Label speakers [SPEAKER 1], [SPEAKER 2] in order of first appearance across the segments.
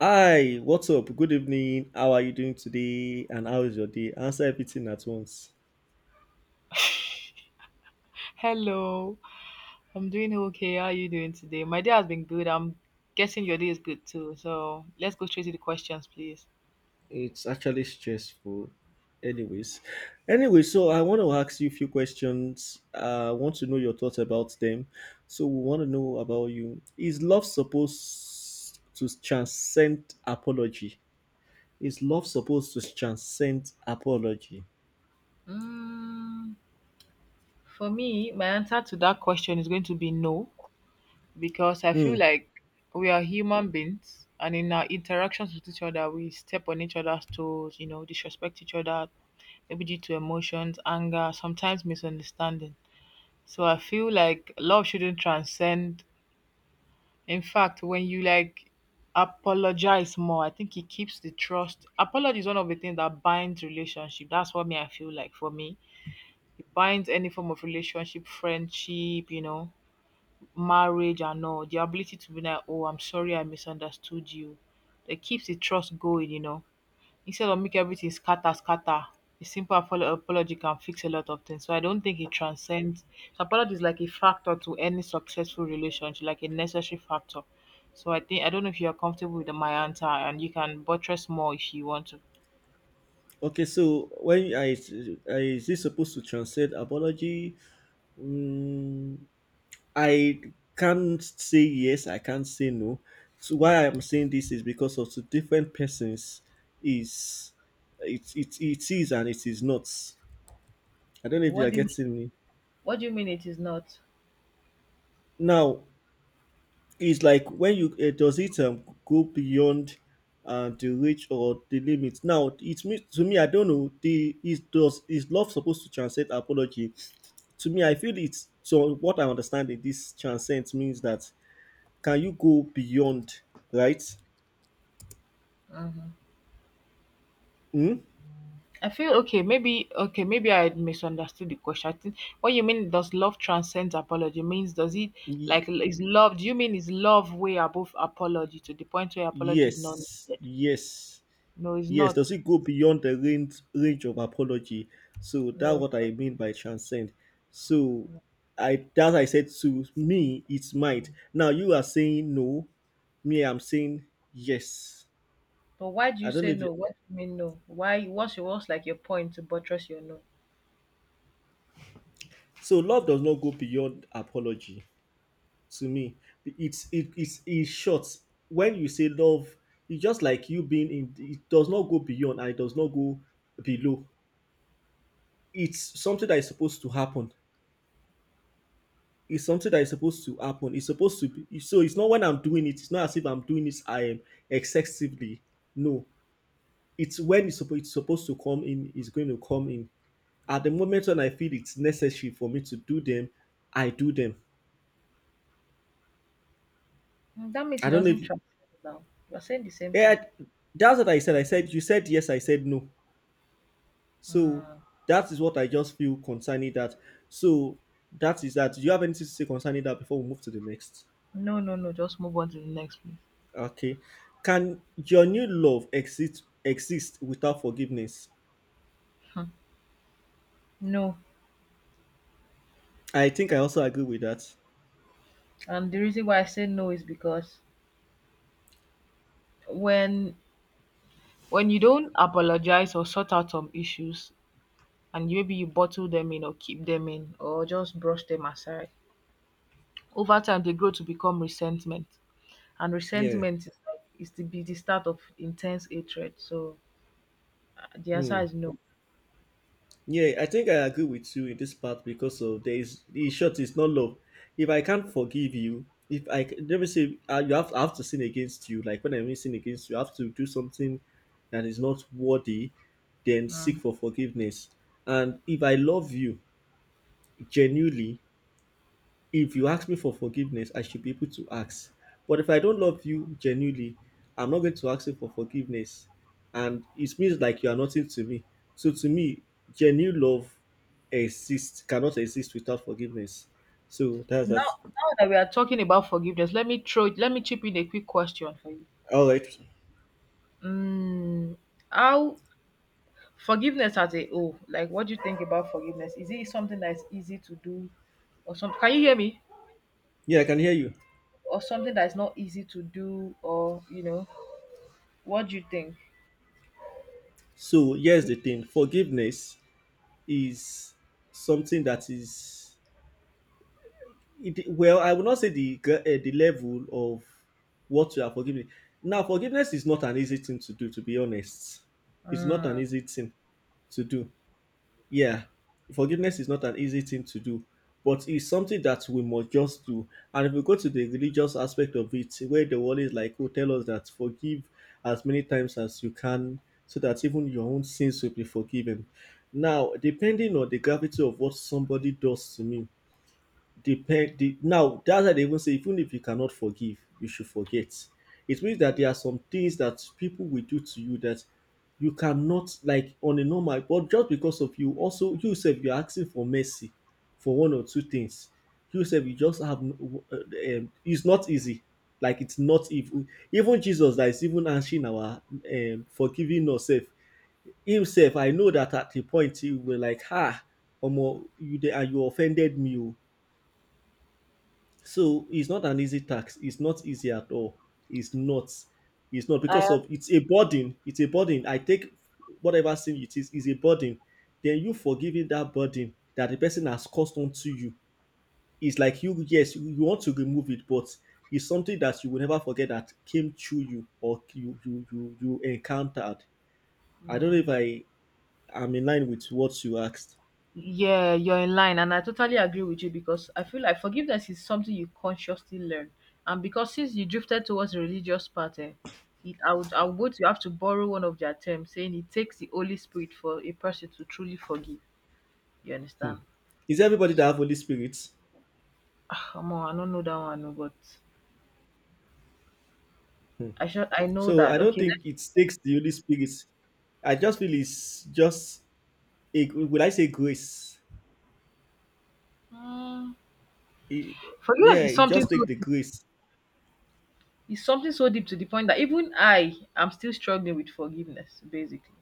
[SPEAKER 1] Hi, what's up? Good evening. How are you doing today? And how is your day? Answer everything at once.
[SPEAKER 2] Hello, I'm doing okay. How are you doing today? My day has been good. I'm guessing your day is good too. So let's go straight to the questions, please.
[SPEAKER 1] It's actually stressful. Anyways, anyway, so I want to ask you a few questions. I want to know your thoughts about them. So we want to know about you. Is love supposed to transcend apology? Is love supposed to transcend apology?
[SPEAKER 2] Mm, for me, my answer to that question is going to be no, because I
[SPEAKER 1] Hmm.
[SPEAKER 2] feel like we are human beings, and in our interactions with each other, we step on each other's toes, disrespect each other, maybe due to emotions, anger, sometimes misunderstanding. So I feel like love shouldn't transcend. In fact, when you like apologize more, I think it keeps the trust. Apology is one of the things that binds relationship. That's what me I feel like for me. It binds any form of relationship, friendship, marriage and all. The ability to be like, oh, I'm sorry I misunderstood you. It keeps the trust going, instead of make everything scatter, a simple apology can fix a lot of things, so I don't think it transcends. So apology is like a factor to any successful relationship, like a necessary factor. So I think I don't know if you are comfortable with my answer, and you can buttress more if you want to.
[SPEAKER 1] Okay, so when I, is this supposed to transcend apology? Mm, I can't say yes, I can't say no. So why I'm
[SPEAKER 2] Okay.
[SPEAKER 1] saying this is because of two different persons is it is and it is not. I don't know if you
[SPEAKER 2] What
[SPEAKER 1] are
[SPEAKER 2] do you mean?
[SPEAKER 1] getting me.
[SPEAKER 2] What do you mean it is not?
[SPEAKER 1] Now it's like when you does it go beyond the reach or the limit. Now it means to me I don't know the is does is love supposed to transcend apology? To me I feel it's so what I understand in this transcend means that can you go beyond, right?
[SPEAKER 2] Mm.
[SPEAKER 1] Hmm?
[SPEAKER 2] I feel okay, maybe I had misunderstood the question. I think what you mean, does love transcend apology, means does it
[SPEAKER 1] Ye-
[SPEAKER 2] like is love, do you mean is love way above apology to the point where apology is not
[SPEAKER 1] yes,
[SPEAKER 2] needed?
[SPEAKER 1] yes,
[SPEAKER 2] No, it's
[SPEAKER 1] yes. Does
[SPEAKER 2] not.
[SPEAKER 1] it go beyond the range of apology? So
[SPEAKER 2] No,
[SPEAKER 1] that's
[SPEAKER 2] it's
[SPEAKER 1] what I
[SPEAKER 2] not.
[SPEAKER 1] mean by transcend. So I that I said to me it's might. Now you are saying no, me I'm saying yes.
[SPEAKER 2] But why do you
[SPEAKER 1] I don't
[SPEAKER 2] say
[SPEAKER 1] know if you,
[SPEAKER 2] no? What do you mean no? Why what's your what's like your point to buttress your no?
[SPEAKER 1] so. Love does not go beyond apology to me. It's it's in short. When you say love, it's just like you being in. It does not go beyond and it does not go below, it's something that is supposed to happen. It's something that is supposed to happen. It's supposed to be so. It's not when I'm doing it. It's not as if I'm doing this. I am excessively. No, it's when it's supposed to come in. It's going to come in. At the moment when I feel it's necessary for me to do them.
[SPEAKER 2] That means
[SPEAKER 1] I
[SPEAKER 2] it
[SPEAKER 1] don't know
[SPEAKER 2] doesn't
[SPEAKER 1] if
[SPEAKER 2] transcend now. You're saying the same thing.
[SPEAKER 1] yeah. That's what I said. I said you said yes. I said no. So
[SPEAKER 2] Mm.
[SPEAKER 1] that is what I just feel concerning that. So that is that. Do you have anything to say concerning that before we move to the next?
[SPEAKER 2] No, no, no, just move on to the next please.
[SPEAKER 1] Okay. Can your new love exist without forgiveness?
[SPEAKER 2] Hmm. No.
[SPEAKER 1] I think I also agree with that.
[SPEAKER 2] And the reason why I say no is because when when you don't apologize or sort out some issues and maybe you bottle them in or keep them in or just brush them aside, over time they grow to become resentment. And
[SPEAKER 1] Yeah.
[SPEAKER 2] resentment is, like, is to be the start of intense hatred. So the answer
[SPEAKER 1] Hmm.
[SPEAKER 2] is no.
[SPEAKER 1] Yeah, I think I agree with you in this part because of there is the short is not love. If I can't forgive you, if I c- let me say you have I have to sin against you. Like when I mean sin against you, I have to do something that is not worthy. Then seek
[SPEAKER 2] Mm.
[SPEAKER 1] for forgiveness. And if I love you genuinely, if you ask me for forgiveness, I should be able to ask. But if I don't love you genuinely, I'm not going to ask you for forgiveness. And it means like you are nothing to me. So to me, genuine love exists cannot exist without forgiveness. So that's that.
[SPEAKER 2] Now that we are talking about forgiveness, let me throw, let me chip in a quick question for you.
[SPEAKER 1] All right.
[SPEAKER 2] Mm, how forgiveness as a whole, like what do you think about forgiveness? Is it something that is easy to do, or something? Can you hear me?
[SPEAKER 1] Yeah, I can hear you.
[SPEAKER 2] Or something that's not easy to do, or you know, what do you think?
[SPEAKER 1] So here's the thing. Forgiveness is something that is it, well, I would not say the the level of what you are forgiving. Now forgiveness is not an easy thing to do, to be honest. It's not an
[SPEAKER 2] Mm.
[SPEAKER 1] easy thing to do. Yeah, forgiveness is not an easy thing to do, but it's something that we must just do. And if we go to the religious aspect of it where the world is like, oh, tell us that forgive as many times as you can so that even your own sins will be forgiven. Now depending on the gravity of what somebody does to me. Depend the, now that's why they even say even if you cannot forgive, you should forget. It means that there are some things that people will do to you that you cannot, like, on a normal, but just because of you, also you yourself you're asking for mercy for one or two things. You yourself you just have it's not easy. Like it's not even even Jesus that is even answering our forgiving ourselves. Himself, I know that at the point he will like, ah, omo, you dey and you offended me o, so it's not an easy tax. It's not easy at all. It's not. It's not
[SPEAKER 2] I,
[SPEAKER 1] because of it's a burden. It's a burden. I take whatever sin it is a burden. Then you forgiving that burden that the person has caused onto you is like you. Yes, you want to remove it, but it's something that you will never forget that came through you or you encountered. I don't know if I am in line with what you asked.
[SPEAKER 2] yeah, you're in line and I totally agree with you because I feel like forgiveness is something you consciously learn, and because since you drifted towards the religious part, I would go to, you have to borrow one of their terms saying it takes the Holy Spirit for a person to truly forgive, you understand?
[SPEAKER 1] Is everybody that have Holy Spirit?
[SPEAKER 2] Come on, I don't know that one, no, but
[SPEAKER 1] Hmm.
[SPEAKER 2] I should, I know
[SPEAKER 1] So
[SPEAKER 2] that
[SPEAKER 1] I don't
[SPEAKER 2] okay,
[SPEAKER 1] think it takes the Holy Spirit. I just feel it's just a, would I say grace?
[SPEAKER 2] mm.
[SPEAKER 1] It-
[SPEAKER 2] Forgiveness
[SPEAKER 1] yeah,
[SPEAKER 2] is
[SPEAKER 1] it
[SPEAKER 2] something
[SPEAKER 1] just takes the
[SPEAKER 2] so
[SPEAKER 1] grace.
[SPEAKER 2] it's something so deep to the point that even I am still struggling with forgiveness, basically.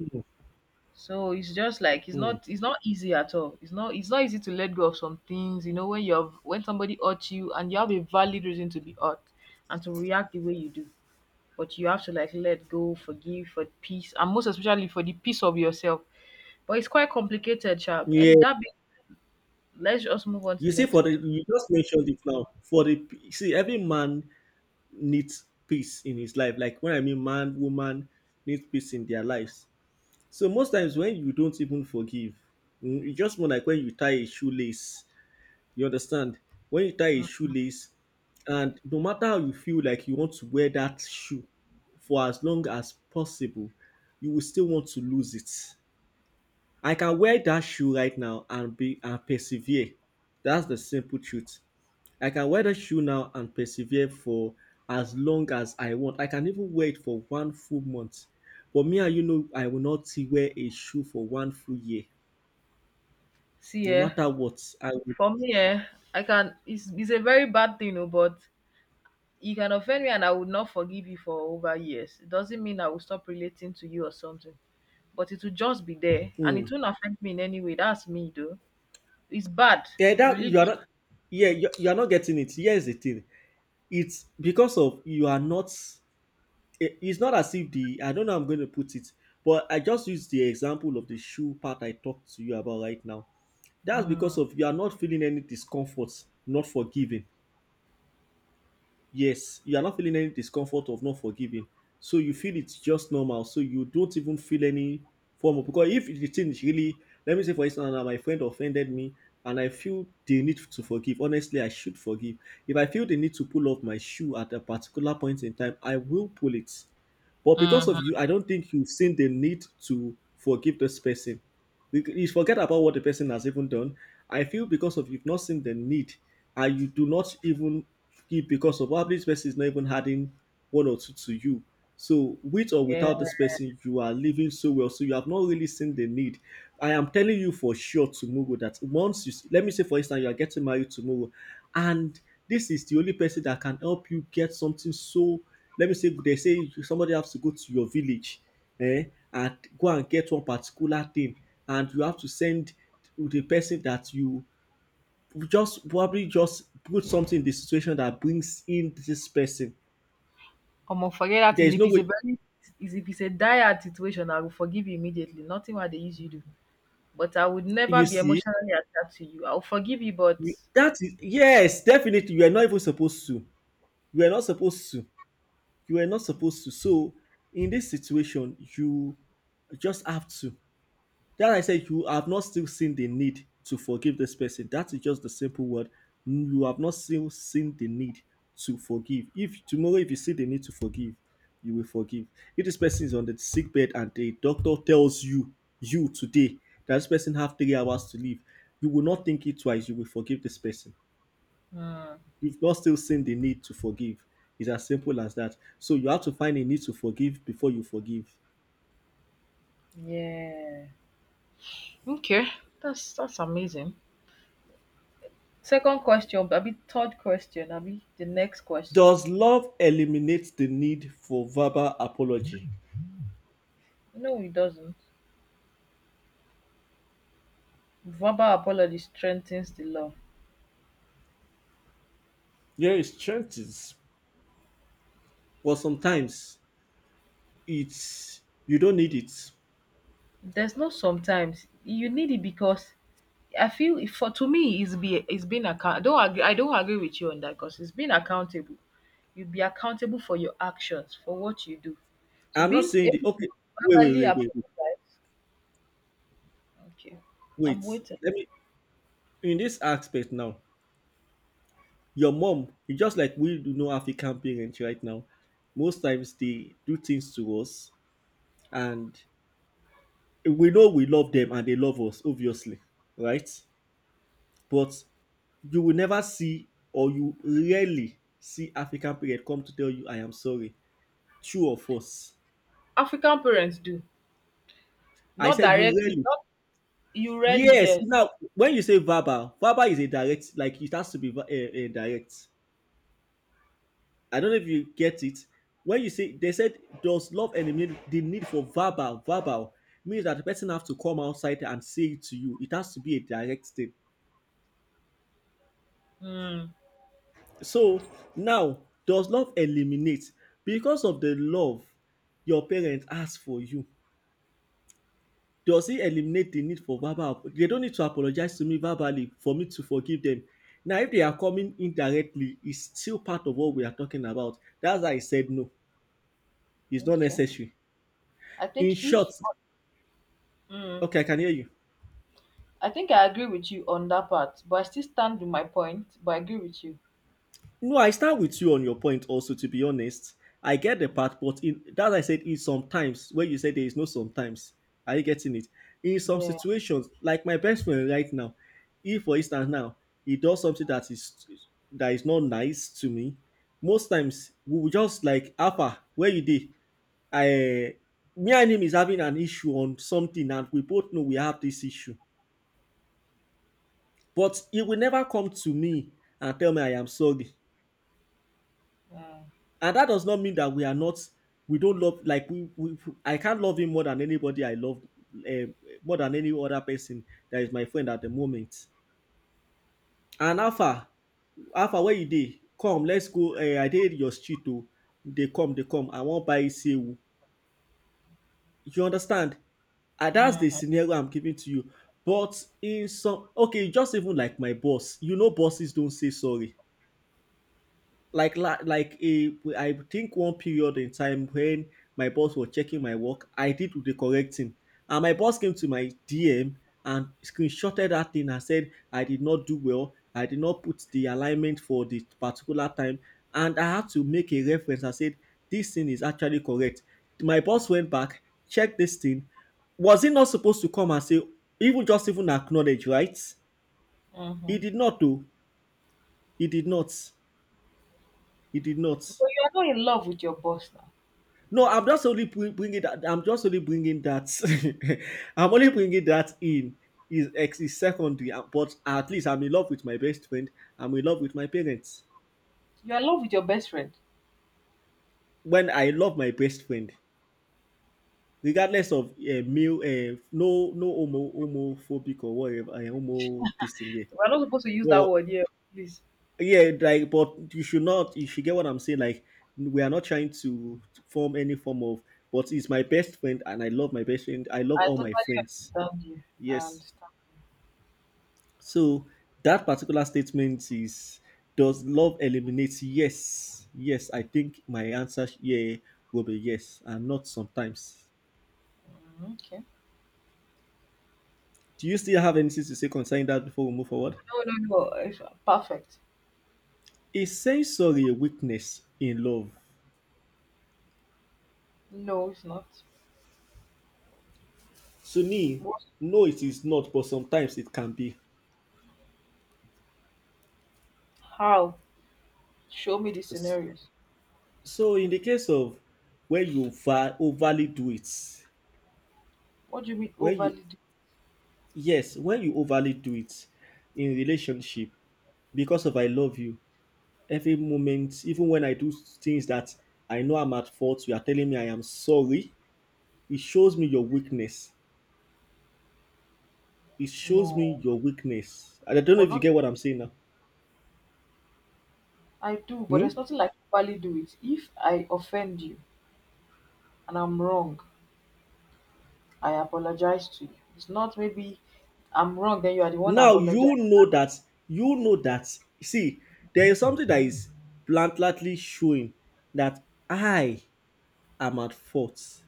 [SPEAKER 1] Mm,
[SPEAKER 2] So it's just like it's
[SPEAKER 1] mm.
[SPEAKER 2] not it's not easy at all. It's not easy to let go of some things, you know, when you have, when somebody hurts you and you have a valid reason to be hurt and to react the way you do. But you have to like let go, forgive for peace, and most especially for the peace of yourself. But it's quite complicated, chap.
[SPEAKER 1] Yeah,
[SPEAKER 2] And that be, let's just move on to
[SPEAKER 1] you
[SPEAKER 2] the
[SPEAKER 1] see,
[SPEAKER 2] next
[SPEAKER 1] for the
[SPEAKER 2] question.
[SPEAKER 1] you just mentioned it now. For the p- see, every man needs peace in his life. Like when I mean man, woman needs peace in their lives. So most times when you don't even forgive, it's just more like when you tie a shoelace. You understand? When you tie a shoelace, and no matter how you feel like you want to wear that shoe for as long as possible, you will still want to lose it. I can wear that shoe right now and be and persevere. That's the simple truth. I can wear the shoe now and persevere for as long as I want. I can even wear it for one full month. But me and you know, I will not wear a shoe for one full year.
[SPEAKER 2] See,
[SPEAKER 1] No
[SPEAKER 2] yeah,
[SPEAKER 1] matter what, I will.
[SPEAKER 2] for me, yeah, I can. It's a very bad thing, oh, but you can offend me and I would not forgive you for over years. It doesn't mean I will stop relating to you or something, but it will just be there and
[SPEAKER 1] Hmm.
[SPEAKER 2] it won't affect me in any way. That's me, though. It's bad.
[SPEAKER 1] Yeah, that you are
[SPEAKER 2] Religion.
[SPEAKER 1] not. Yeah, you are not getting it. Here's the thing. It's because of you are not. It- it's not as if the I don't know how I'm going to put it, but I just used the example of the shoe part I talked to you about right now. That's because
[SPEAKER 2] Mm.
[SPEAKER 1] of you are not feeling any discomfort, not forgiving. Yes, you are not feeling any discomfort of not forgiving. So you feel it's just normal. So you don't even feel any form of because if the thing is really let me say for instance now my friend offended me and I feel the need to forgive. Honestly, I should forgive. If I feel the need to pull off my shoe at a particular point in time, I will pull it. But because
[SPEAKER 2] Hmm.
[SPEAKER 1] of you, I don't think you've seen the need to forgive this person. You forget about what the person has even done. I feel because of you've not seen the need and you do not even give because of probably this person is not even adding one or two to you. So with or
[SPEAKER 2] Yeah.
[SPEAKER 1] without this person, you are living so well. So you have not really seen the need. I am telling you for sure tomorrow that once you see, let me say for instance you are getting married tomorrow, and this is the only person that can help you get something, so let me say they say somebody has to go to your village, eh, and go and get one particular thing and you have to send to the person that you just probably just put something in the situation that brings in this person.
[SPEAKER 2] Come on, forget that
[SPEAKER 1] There
[SPEAKER 2] thing.
[SPEAKER 1] is
[SPEAKER 2] If
[SPEAKER 1] no
[SPEAKER 2] it's a
[SPEAKER 1] way
[SPEAKER 2] very, is, if it's a dire situation, I will forgive you immediately. Nothing what they usually do. But I would never
[SPEAKER 1] you
[SPEAKER 2] be
[SPEAKER 1] see
[SPEAKER 2] emotionally attached to you. I will forgive you, but
[SPEAKER 1] you, that is yes, definitely you are not even supposed to. You are not supposed to. You are not supposed to. So in this situation, you just have to. Then I said, you have not still seen the need to forgive this person. That is just the simple word. You have not still seen the need to forgive. If tomorrow, if you see the need to forgive, you will forgive. If this person is on the sick bed and the doctor tells you, you today, that this person have 3 hours to live, you will not think it twice. You will forgive this person.
[SPEAKER 2] mm,
[SPEAKER 1] You've not still seen the need to forgive. It's as simple as that. So you have to find a need to forgive before you forgive.
[SPEAKER 2] yeah. Okay, that's amazing. Second question abi third question abi the next question.
[SPEAKER 1] Does love eliminate the need for verbal apology?
[SPEAKER 2] No, it doesn't. Verbal apology strengthens the love.
[SPEAKER 1] Yeah, it strengthens, but sometimes it's you don't need it.
[SPEAKER 2] There's no sometimes, you need it because I feel for to me it's being account, I don't agree with you on that because it's being accountable. You be accountable for your actions, for what you do. So
[SPEAKER 1] I'm not
[SPEAKER 2] being
[SPEAKER 1] saying
[SPEAKER 2] able
[SPEAKER 1] the
[SPEAKER 2] to
[SPEAKER 1] okay. Wait, wait,
[SPEAKER 2] verbally
[SPEAKER 1] wait, wait, wait.
[SPEAKER 2] apologize. Okay. I'm
[SPEAKER 1] wait.
[SPEAKER 2] waiting.
[SPEAKER 1] Let me in this aspect now. Your mom, just like we do know African parents right now, most times they do things to us, and we know we love them and they love us, obviously, right? But you will never see or you rarely see African parent come to tell you I am sorry. True or false?
[SPEAKER 2] African parents do.
[SPEAKER 1] I
[SPEAKER 2] Not
[SPEAKER 1] said you
[SPEAKER 2] directly,
[SPEAKER 1] rarely.
[SPEAKER 2] not you rarely,
[SPEAKER 1] Yes.
[SPEAKER 2] yes.
[SPEAKER 1] Now, when you say verbal, verbal is a direct, like it has to be a, direct. I don't know if you get it. When you say they said does love eliminate the need for verbal means that the person have to come outside and say it to you. It has to be a direct thing.
[SPEAKER 2] Mm,
[SPEAKER 1] So now, does love eliminate because of the love your parents ask for you? Does it eliminate the need for verbal they don't need to apologize to me verbally for me to forgive them. Now if they are coming indirectly, it's still part of what we are talking about. That's why I said no. It's not
[SPEAKER 2] okay.
[SPEAKER 1] necessary.
[SPEAKER 2] I think
[SPEAKER 1] In short
[SPEAKER 2] if mm.
[SPEAKER 1] okay, I can hear you.
[SPEAKER 2] I think I agree with you on that part, but I still stand with my point. But I agree with you.
[SPEAKER 1] No, I start with you on your point also, to be honest. I get the part, but in that I said is sometimes where you say there is no sometimes. Are you getting it? In some
[SPEAKER 2] Yeah.
[SPEAKER 1] situations, like my best friend right now, if for instance now he does something that is not nice to me, most times we will just like Alpha, where you did? I me and him is having an issue on something, and we both know we have this issue. But he will never come to me and tell me I am sorry. And that does not mean that we are not, we don't love, like, we I can't love him more than anybody I love, uh, more than any other person that is my friend at the moment. And Alpha, Alpha, where you dey? Come, let's go. I did your street too. They come, they come. I won't buy sewu. You understand? And that's the
[SPEAKER 2] Mm-hmm.
[SPEAKER 1] scenario I'm giving to you. But in some, okay, just even like my boss, you know, bosses don't say sorry. Like like a, I think one period in time when my boss was checking my work, I did the correct thing, and my boss came to my DM and screenshotted that thing and said I did not do well, I did not put the alignment for the particular time, and I had to make a reference and said this thing is actually correct. My boss went back, checked this thing. Was he not supposed to come and say even just even acknowledge, right?
[SPEAKER 2] Mm-hmm.
[SPEAKER 1] He did not though. He did not. He did not.
[SPEAKER 2] But you are not in love with your boss now.
[SPEAKER 1] No, I'm just only bringing that. I'm just only bringing that. I'm only bringing that in. Is ex is secondary, but at least I'm in love with my best friend. I'm in love with my parents.
[SPEAKER 2] You are in love with your best friend.
[SPEAKER 1] When I love my best friend, regardless of male, no, no homo, homophobic or whatever, homo this thing there.
[SPEAKER 2] We're not supposed to use that
[SPEAKER 1] But
[SPEAKER 2] word here, please.
[SPEAKER 1] yeah, like, but you should not. You should get what I'm saying. Like, we are not trying to form any form of. But it's my best friend, and I love my best friend. I love
[SPEAKER 2] I
[SPEAKER 1] all
[SPEAKER 2] totally
[SPEAKER 1] my friends.
[SPEAKER 2] understand you. I
[SPEAKER 1] Yes.
[SPEAKER 2] understand.
[SPEAKER 1] So that particular statement is does love eliminate yes? Yes, I think my answer here will be yes, and not sometimes.
[SPEAKER 2] Mhm. Okay.
[SPEAKER 1] Do you still have anything to say concerning that before we move forward?
[SPEAKER 2] No, no, no. It's perfect.
[SPEAKER 1] Is sensory a weakness in love?
[SPEAKER 2] No, it's not.
[SPEAKER 1] To me,
[SPEAKER 2] What?
[SPEAKER 1] no, it is not, but sometimes it can be.
[SPEAKER 2] How? Show me the
[SPEAKER 1] S-
[SPEAKER 2] scenarios.
[SPEAKER 1] So in the case of when you overly do it,
[SPEAKER 2] What do you mean
[SPEAKER 1] when you
[SPEAKER 2] overly do?
[SPEAKER 1] yes, when you overly do it in relationship because of I love you, every moment, even when I do things that I know I'm at fault, you are telling me I am sorry. It shows me your weakness. It shows
[SPEAKER 2] No.
[SPEAKER 1] me your weakness. And I don't know
[SPEAKER 2] Well,
[SPEAKER 1] if you
[SPEAKER 2] not.
[SPEAKER 1] get what I'm saying now.
[SPEAKER 2] I do, but
[SPEAKER 1] Hmm?
[SPEAKER 2] there's nothing like overly do it. If I offend you and I'm wrong, I apologize to you. It's not maybe I'm wrong, then you are the one
[SPEAKER 1] Now you
[SPEAKER 2] apologizing.
[SPEAKER 1] know that you know that. See, there is something that is blatantly showing that I am at fault,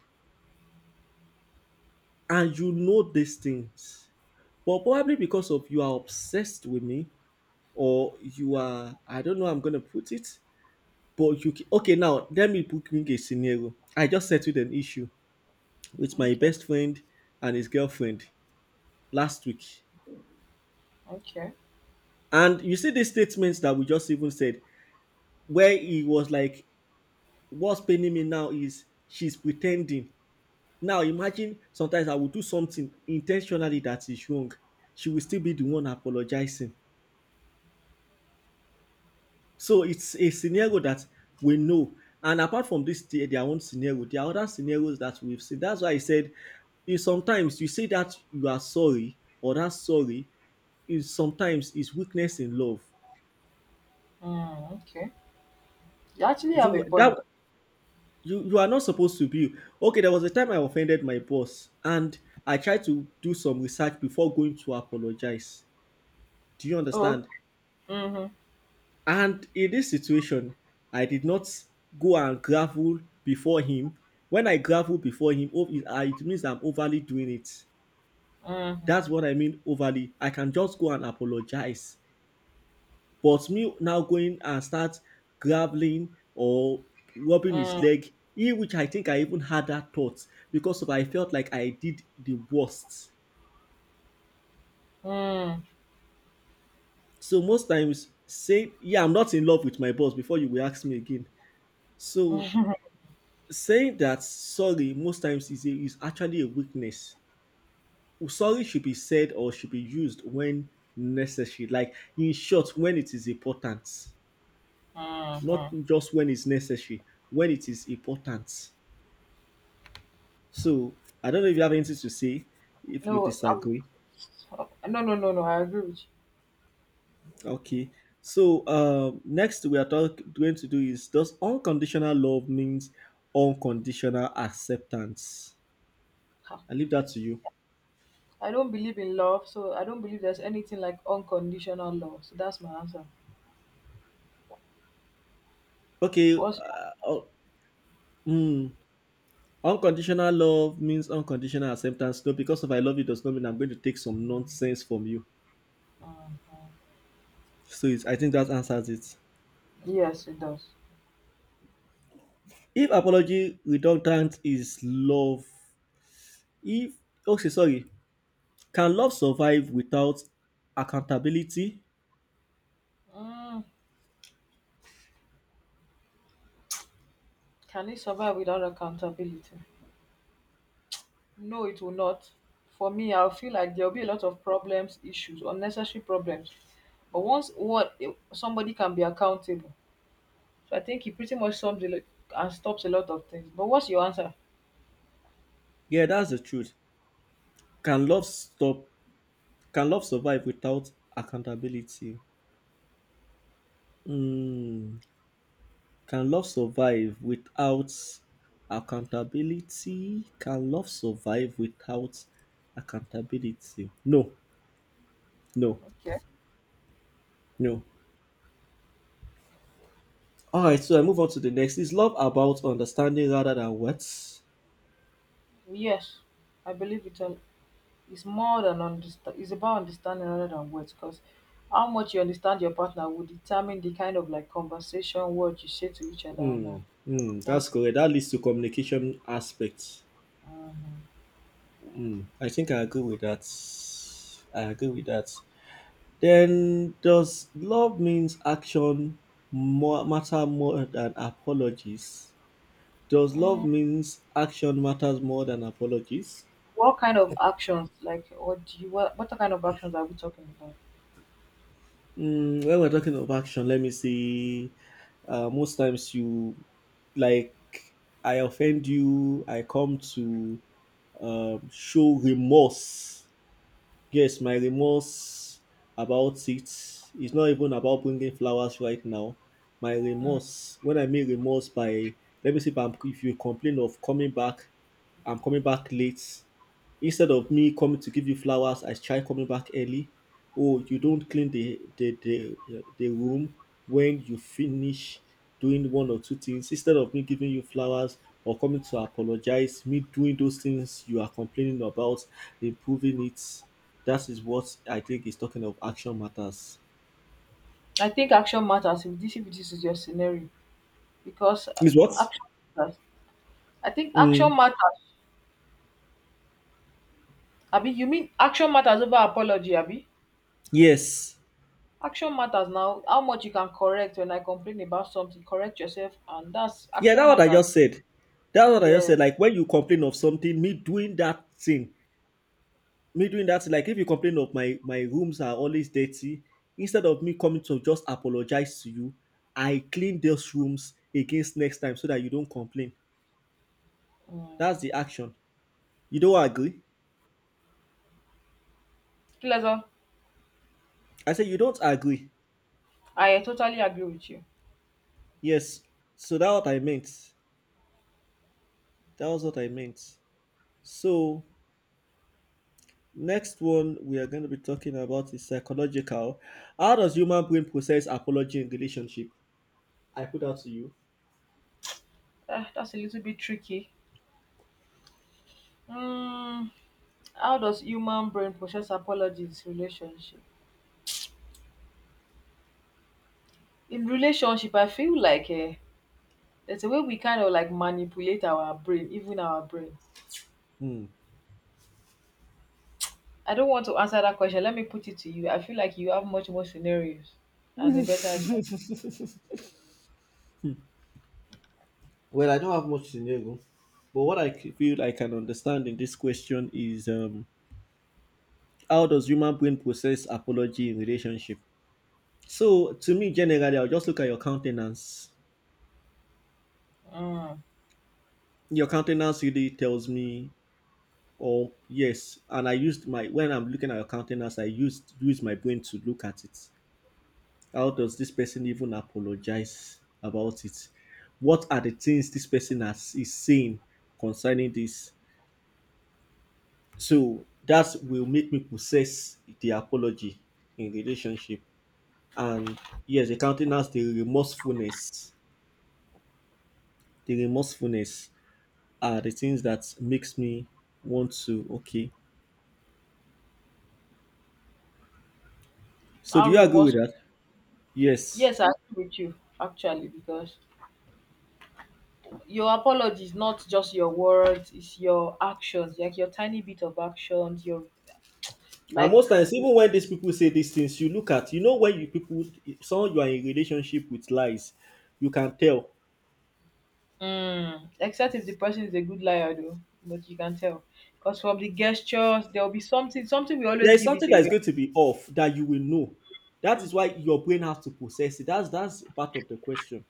[SPEAKER 1] and you know these things. But probably because of you are obsessed with me, or you are I don't know how I'm gonna put it But you okay now? Let me bring a scenario. I just settled an issue with my
[SPEAKER 2] Okay,
[SPEAKER 1] best friend and his girlfriend last week,
[SPEAKER 2] okay,
[SPEAKER 1] and you see the statements that we just even said, where he was like, "What's paining me now is she's pretending." Now imagine sometimes I will do something intentionally that is wrong. She will still be the one apologizing. So it's a scenario that we know. And apart from this, their own scenario, there are other scenarios that we've seen. That's why I said you sometimes you say that you are sorry or that sorry is sometimes is weakness in love.
[SPEAKER 2] mm, okay. You actually have a
[SPEAKER 1] You
[SPEAKER 2] point.
[SPEAKER 1] that you are not supposed to be okay. There was a time I offended my boss and I tried to do some research before going to apologize. Do you
[SPEAKER 2] Oh, okay.
[SPEAKER 1] understand?
[SPEAKER 2] Mm-hmm,
[SPEAKER 1] And in this situation, I did not go and grovel before him. When I grovel before him, oh, it it means I'm overly doing it.
[SPEAKER 2] mm-hmm,
[SPEAKER 1] That's what I mean overly. I can just go and apologize. But me now going and start groveling or rubbing his leg, in which I think I even had that thought because of I felt like I did the worst. So most times say, yeah, I'm not in love with my boss before you will ask me again. So saying that sorry most times is, a, is actually a weakness sorry should be said or should be used when necessary like in short when it is important not
[SPEAKER 2] mm-hmm.
[SPEAKER 1] just when it's necessary when it is important so I don't know if you have anything to say if you
[SPEAKER 2] No,
[SPEAKER 1] disagree
[SPEAKER 2] no, no, no, no. I agree with you.
[SPEAKER 1] okay so next we are going to do is does unconditional love means unconditional acceptance
[SPEAKER 2] Ha.
[SPEAKER 1] I leave that to you
[SPEAKER 2] I don't believe in love, so I don't believe there's anything like unconditional love. So that's my answer.
[SPEAKER 1] okay
[SPEAKER 2] What's
[SPEAKER 1] oh, hmm. Unconditional love means unconditional acceptance. No, because if I love you does not mean I'm going to take some nonsense from you.
[SPEAKER 2] mm,
[SPEAKER 1] So it's, I think that answers it.
[SPEAKER 2] yes, it does.
[SPEAKER 1] If apology redundant is love, if okay, sorry, can love survive without accountability?
[SPEAKER 2] Mm, can it survive without accountability? No, it will not. For me, I'll feel like there'll be a lot of problems, issues, unnecessary problems. But once what somebody can be accountable, so I think it pretty much sums a lot and stops a lot of things. But what's your answer?
[SPEAKER 1] Yeah, that's the truth. Can love stop? Can love survive without accountability? Hmm. Can love survive without accountability? Can love survive without accountability? No, no,
[SPEAKER 2] Okay.
[SPEAKER 1] no. All right, so I move on to the next. Is love about understanding rather than words?
[SPEAKER 2] Yes, I believe it's more than understand. It's about understanding rather than words, because how much you understand your partner will determine the kind of like conversation, words you say to each other, and
[SPEAKER 1] Hmm,
[SPEAKER 2] all.
[SPEAKER 1] hmm, that's
[SPEAKER 2] That's.
[SPEAKER 1] correct. That leads to communication aspects. Hmm, I think I agree with that. I agree with that. Then, does love means action more matter more than apologies? Does love
[SPEAKER 2] Mhm.
[SPEAKER 1] means action matters more than apologies?
[SPEAKER 2] What kind of actions, like, what kind of actions are we talking about?
[SPEAKER 1] Mm, when we're talking of action, let me see. Most times you like I offend you. I come to show remorse. Yes, my remorse about it is not even about bringing flowers right now. My remorse, when I mean remorse by, let me see if, I'm, if you complain of coming back, I'm coming back late. Instead of me coming to give you flowers, I try coming back early. Oh, you don't clean the room when you finish doing one or two things. Instead of me giving you flowers or coming to apologize, me doing those things you are complaining about, improving it. That is what I think is talking of action matters.
[SPEAKER 2] I think action matters if this is your scenario, because
[SPEAKER 1] Is what?
[SPEAKER 2] action matters. I think action
[SPEAKER 1] Mm,
[SPEAKER 2] matters. Abi, you mean action matters over apology, abi?
[SPEAKER 1] yes.
[SPEAKER 2] Action matters now. How much you can correct when I complain about something, correct yourself, and that's
[SPEAKER 1] Yeah,
[SPEAKER 2] action
[SPEAKER 1] that's what I
[SPEAKER 2] matters.
[SPEAKER 1] just said. That's what I just
[SPEAKER 2] Yeah.
[SPEAKER 1] said. Like when you complain of something, me doing that thing me doing that like if you complain of my rooms are always dirty instead of me coming to just apologize to you I clean those rooms against next time so that you don't complain
[SPEAKER 2] Mm.
[SPEAKER 1] that's the action you don't agree
[SPEAKER 2] Pleasure.
[SPEAKER 1] I said you don't agree
[SPEAKER 2] I totally agree with you.
[SPEAKER 1] yes so that's what I meant that was what I meant so next one we are going to be talking about is psychological how does human brain process apology in relationship I put out to you
[SPEAKER 2] That's a little bit tricky. Mm, how does human brain process apologies relationship? In relationship, I feel like there's a way we kind of like manipulate our brain, even our brain,
[SPEAKER 1] Hmm.
[SPEAKER 2] I don't want to answer that question, let me put it to you, I feel like you have much more scenarios and a better ex-
[SPEAKER 1] Well, I don't have much to know, but what I feel I can understand in this question is how does human brain process apology in relationship? So, to me, generally, I'll just look at your countenance.
[SPEAKER 2] mm.
[SPEAKER 1] Your countenance really tells me, oh yes, and I used my when I'm looking at your countenance, I use my brain to look at it. How does this person even apologize about it? What are the things this person has, is saying concerning this? So that will make me process the apology in relationship. And yes, the countenance, the remorsefulness are the things that makes me want to okay. So do
[SPEAKER 2] How
[SPEAKER 1] you agree with
[SPEAKER 2] remorseful,
[SPEAKER 1] that? Yes.
[SPEAKER 2] yes, I agree with you actually because your apology is not just your words, it's your actions, like your tiny bit of actions, your
[SPEAKER 1] And
[SPEAKER 2] like,
[SPEAKER 1] most times, even when these people say these things, you look at, you know, when you people, someone you are in relationship with lies, you can tell.
[SPEAKER 2] mm, except if the person is a good liar, though, but you can tell. Because from the gestures, there will be something, something we
[SPEAKER 1] There
[SPEAKER 2] always
[SPEAKER 1] is
[SPEAKER 2] give it
[SPEAKER 1] something that is
[SPEAKER 2] away.
[SPEAKER 1] going to be off that you will know. That is why your brain has to process it. That's part of the question.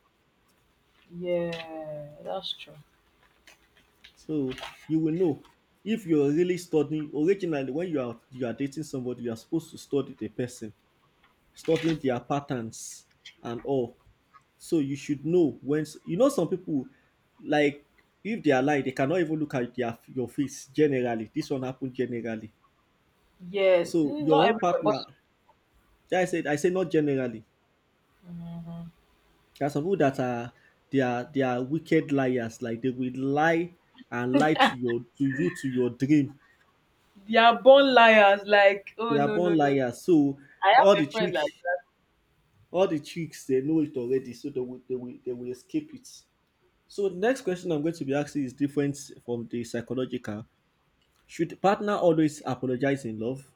[SPEAKER 2] Yeah, that's true.
[SPEAKER 1] So you will know if you're really studying originally when you are dating somebody, you are supposed to study the person, studying their patterns and all. So you should know when you know some people like if they are lying, they cannot even look at their your face generally. This one happen generally.
[SPEAKER 2] Yeah,
[SPEAKER 1] So
[SPEAKER 2] mm, not
[SPEAKER 1] your own
[SPEAKER 2] everybody, but
[SPEAKER 1] partner, I said I say not generally. There are some people that are they are wicked liars, like they will lie and lie to your to you to your dream.
[SPEAKER 2] they are born liars. Like, oh
[SPEAKER 1] They are
[SPEAKER 2] no, no,
[SPEAKER 1] born
[SPEAKER 2] no.
[SPEAKER 1] liars. So
[SPEAKER 2] I
[SPEAKER 1] all the
[SPEAKER 2] have a friend
[SPEAKER 1] trick,
[SPEAKER 2] like,
[SPEAKER 1] all the tricks, they know it already. So they will, they will escape it. So the next question I'm going to be asking is different from the psychological. Should partner always apologize in love?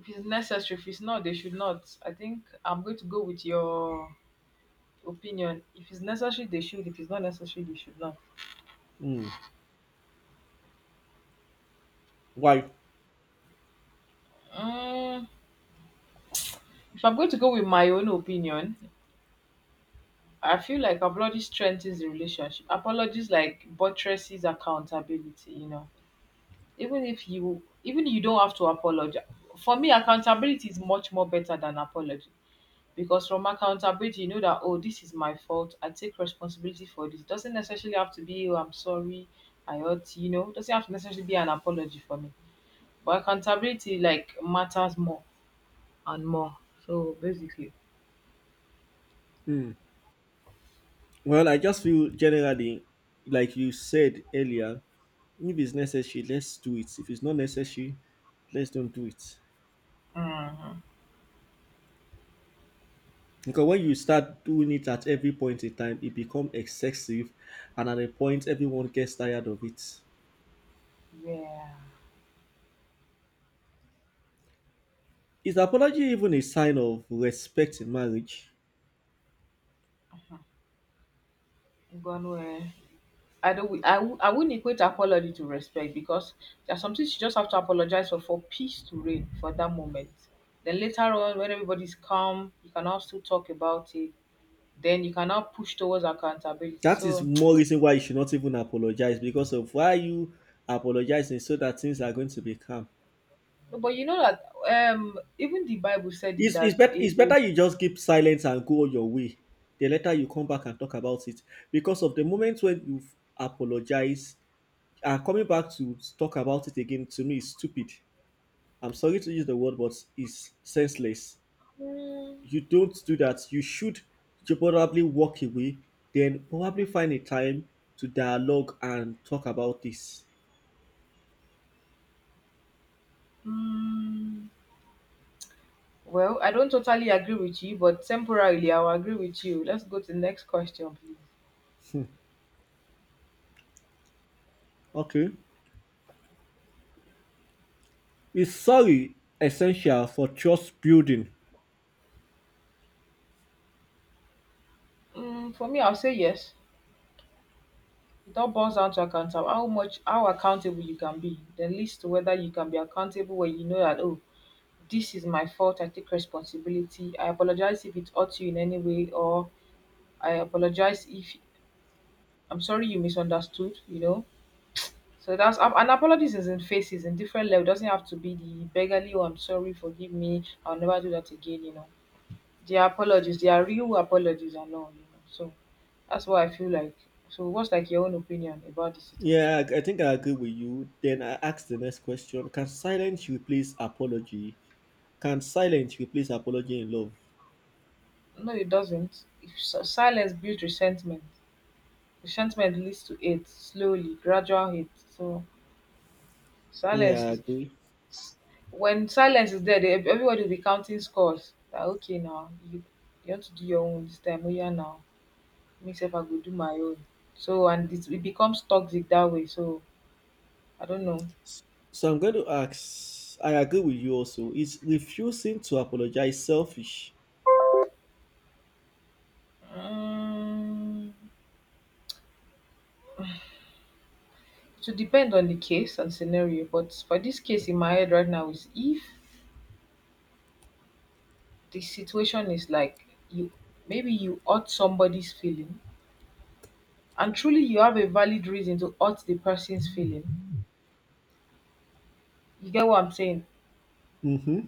[SPEAKER 2] if it's necessary, if it's not, they should not. I think I'm going to go with your opinion. If it's necessary, they should. If it's not necessary, they should not.
[SPEAKER 1] Hmm. Why?
[SPEAKER 2] Mm, if I'm going to go with my own opinion, I feel like apology strengthens the relationship. Apologies like buttresses accountability. You know. Even if you even you don't have to apologize, for me accountability is much more better than apology, because from accountability you know that, oh, this is my fault, I take responsibility for this, doesn't necessarily have to be, oh, I'm sorry I hurt you, you know, doesn't have to necessarily be an apology for me, but accountability like matters more and more, so basically
[SPEAKER 1] Hmm. Well, I just feel generally, like you said earlier, if it's necessary, let's do it. If it's not necessary, let's don't do it.
[SPEAKER 2] mm,
[SPEAKER 1] Because when you start doing it at every point in time, it becomes excessive, and at a point, everyone gets tired of it.
[SPEAKER 2] yeah.
[SPEAKER 1] Is apology even a sign of respect in marriage?
[SPEAKER 2] Ngwanwe. I don't. I wouldn't equate apology to respect because there are some things you just have to apologize for peace to reign for that moment. Then later on, when everybody's calm, you can now still talk about it. Then you can now push towards accountability.
[SPEAKER 1] That is
[SPEAKER 2] So,
[SPEAKER 1] more reason why you should not even apologize because of why you apologizing so that things are going to be calm.
[SPEAKER 2] but you know that even the Bible said it that
[SPEAKER 1] Bet-
[SPEAKER 2] it,
[SPEAKER 1] it's better you just keep silent and go your way. The later you come back and talk about it. Because of the moment when you apologize and coming back to talk about it again, to me, is stupid I'm sorry to use the word, but it's senseless. You don't do that. You should probably walk away, then probably find a time to dialogue and talk about this.
[SPEAKER 2] mm, well, I don't totally agree with you, but temporarily I will agree with you. Let's go to the next question, please.
[SPEAKER 1] Okay. Is sorry essential for trust building?
[SPEAKER 2] For me, I'll say yes. It all boils down to account how much, how accountable you can be. Then list whether you can be accountable when you know that, oh, this is my fault, I take responsibility, I apologize if it hurt you in any way, or I apologize if I'm sorry you misunderstood, you know. So that's and apologies is in faces in different level. Doesn't have to be the beggarly, oh, I'm sorry, forgive me, I'll never do that again, you know. They are apologies, they are real apologies and all, you know. So that's what I feel like. So what's like your own opinion about the situation?
[SPEAKER 1] Yeah, I think I agree with you. Then I ask the next question Can silence replace apology? Can silence replace apology in love?
[SPEAKER 2] No, it doesn't. If silence builds resentment. Resentment leads to hate, slowly, gradual hate. So silence
[SPEAKER 1] Yeah, I
[SPEAKER 2] is
[SPEAKER 1] agree.
[SPEAKER 2] s- when silence is there, they, everybody will be counting scores. That okay now, you want to do your own this time. Oh yeah, now me self I go do my own. So and it becomes toxic that way. So I don't know.
[SPEAKER 1] S- So I'm going to ask, I agree with you also. Is refusing to apologize selfish?
[SPEAKER 2] Um, it depend on the case and scenario. But for this case in my head right now is if the situation is like you maybe you hurt somebody's feeling and truly you have a valid reason to hurt the person's feeling. You get what I'm saying?
[SPEAKER 1] Mm-hmm.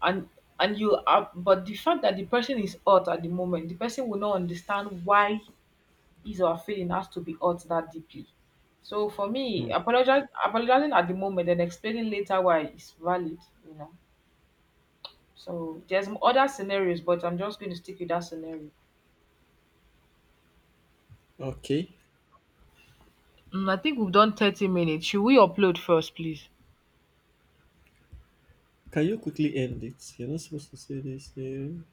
[SPEAKER 2] And and you are, but the fact that the person is hurt at the moment, the person will not understand why his or her feeling has to be hurt that deeply. So for me, apologize apologizing at the moment and explaining later why it's valid, you know. So there's other scenarios, but I'm just going to stick with that scenario.
[SPEAKER 1] Okay.
[SPEAKER 2] Mm, I think we've done 30 minutes. Should we upload first, please?
[SPEAKER 1] Can you quickly end it? You're not supposed to say this here.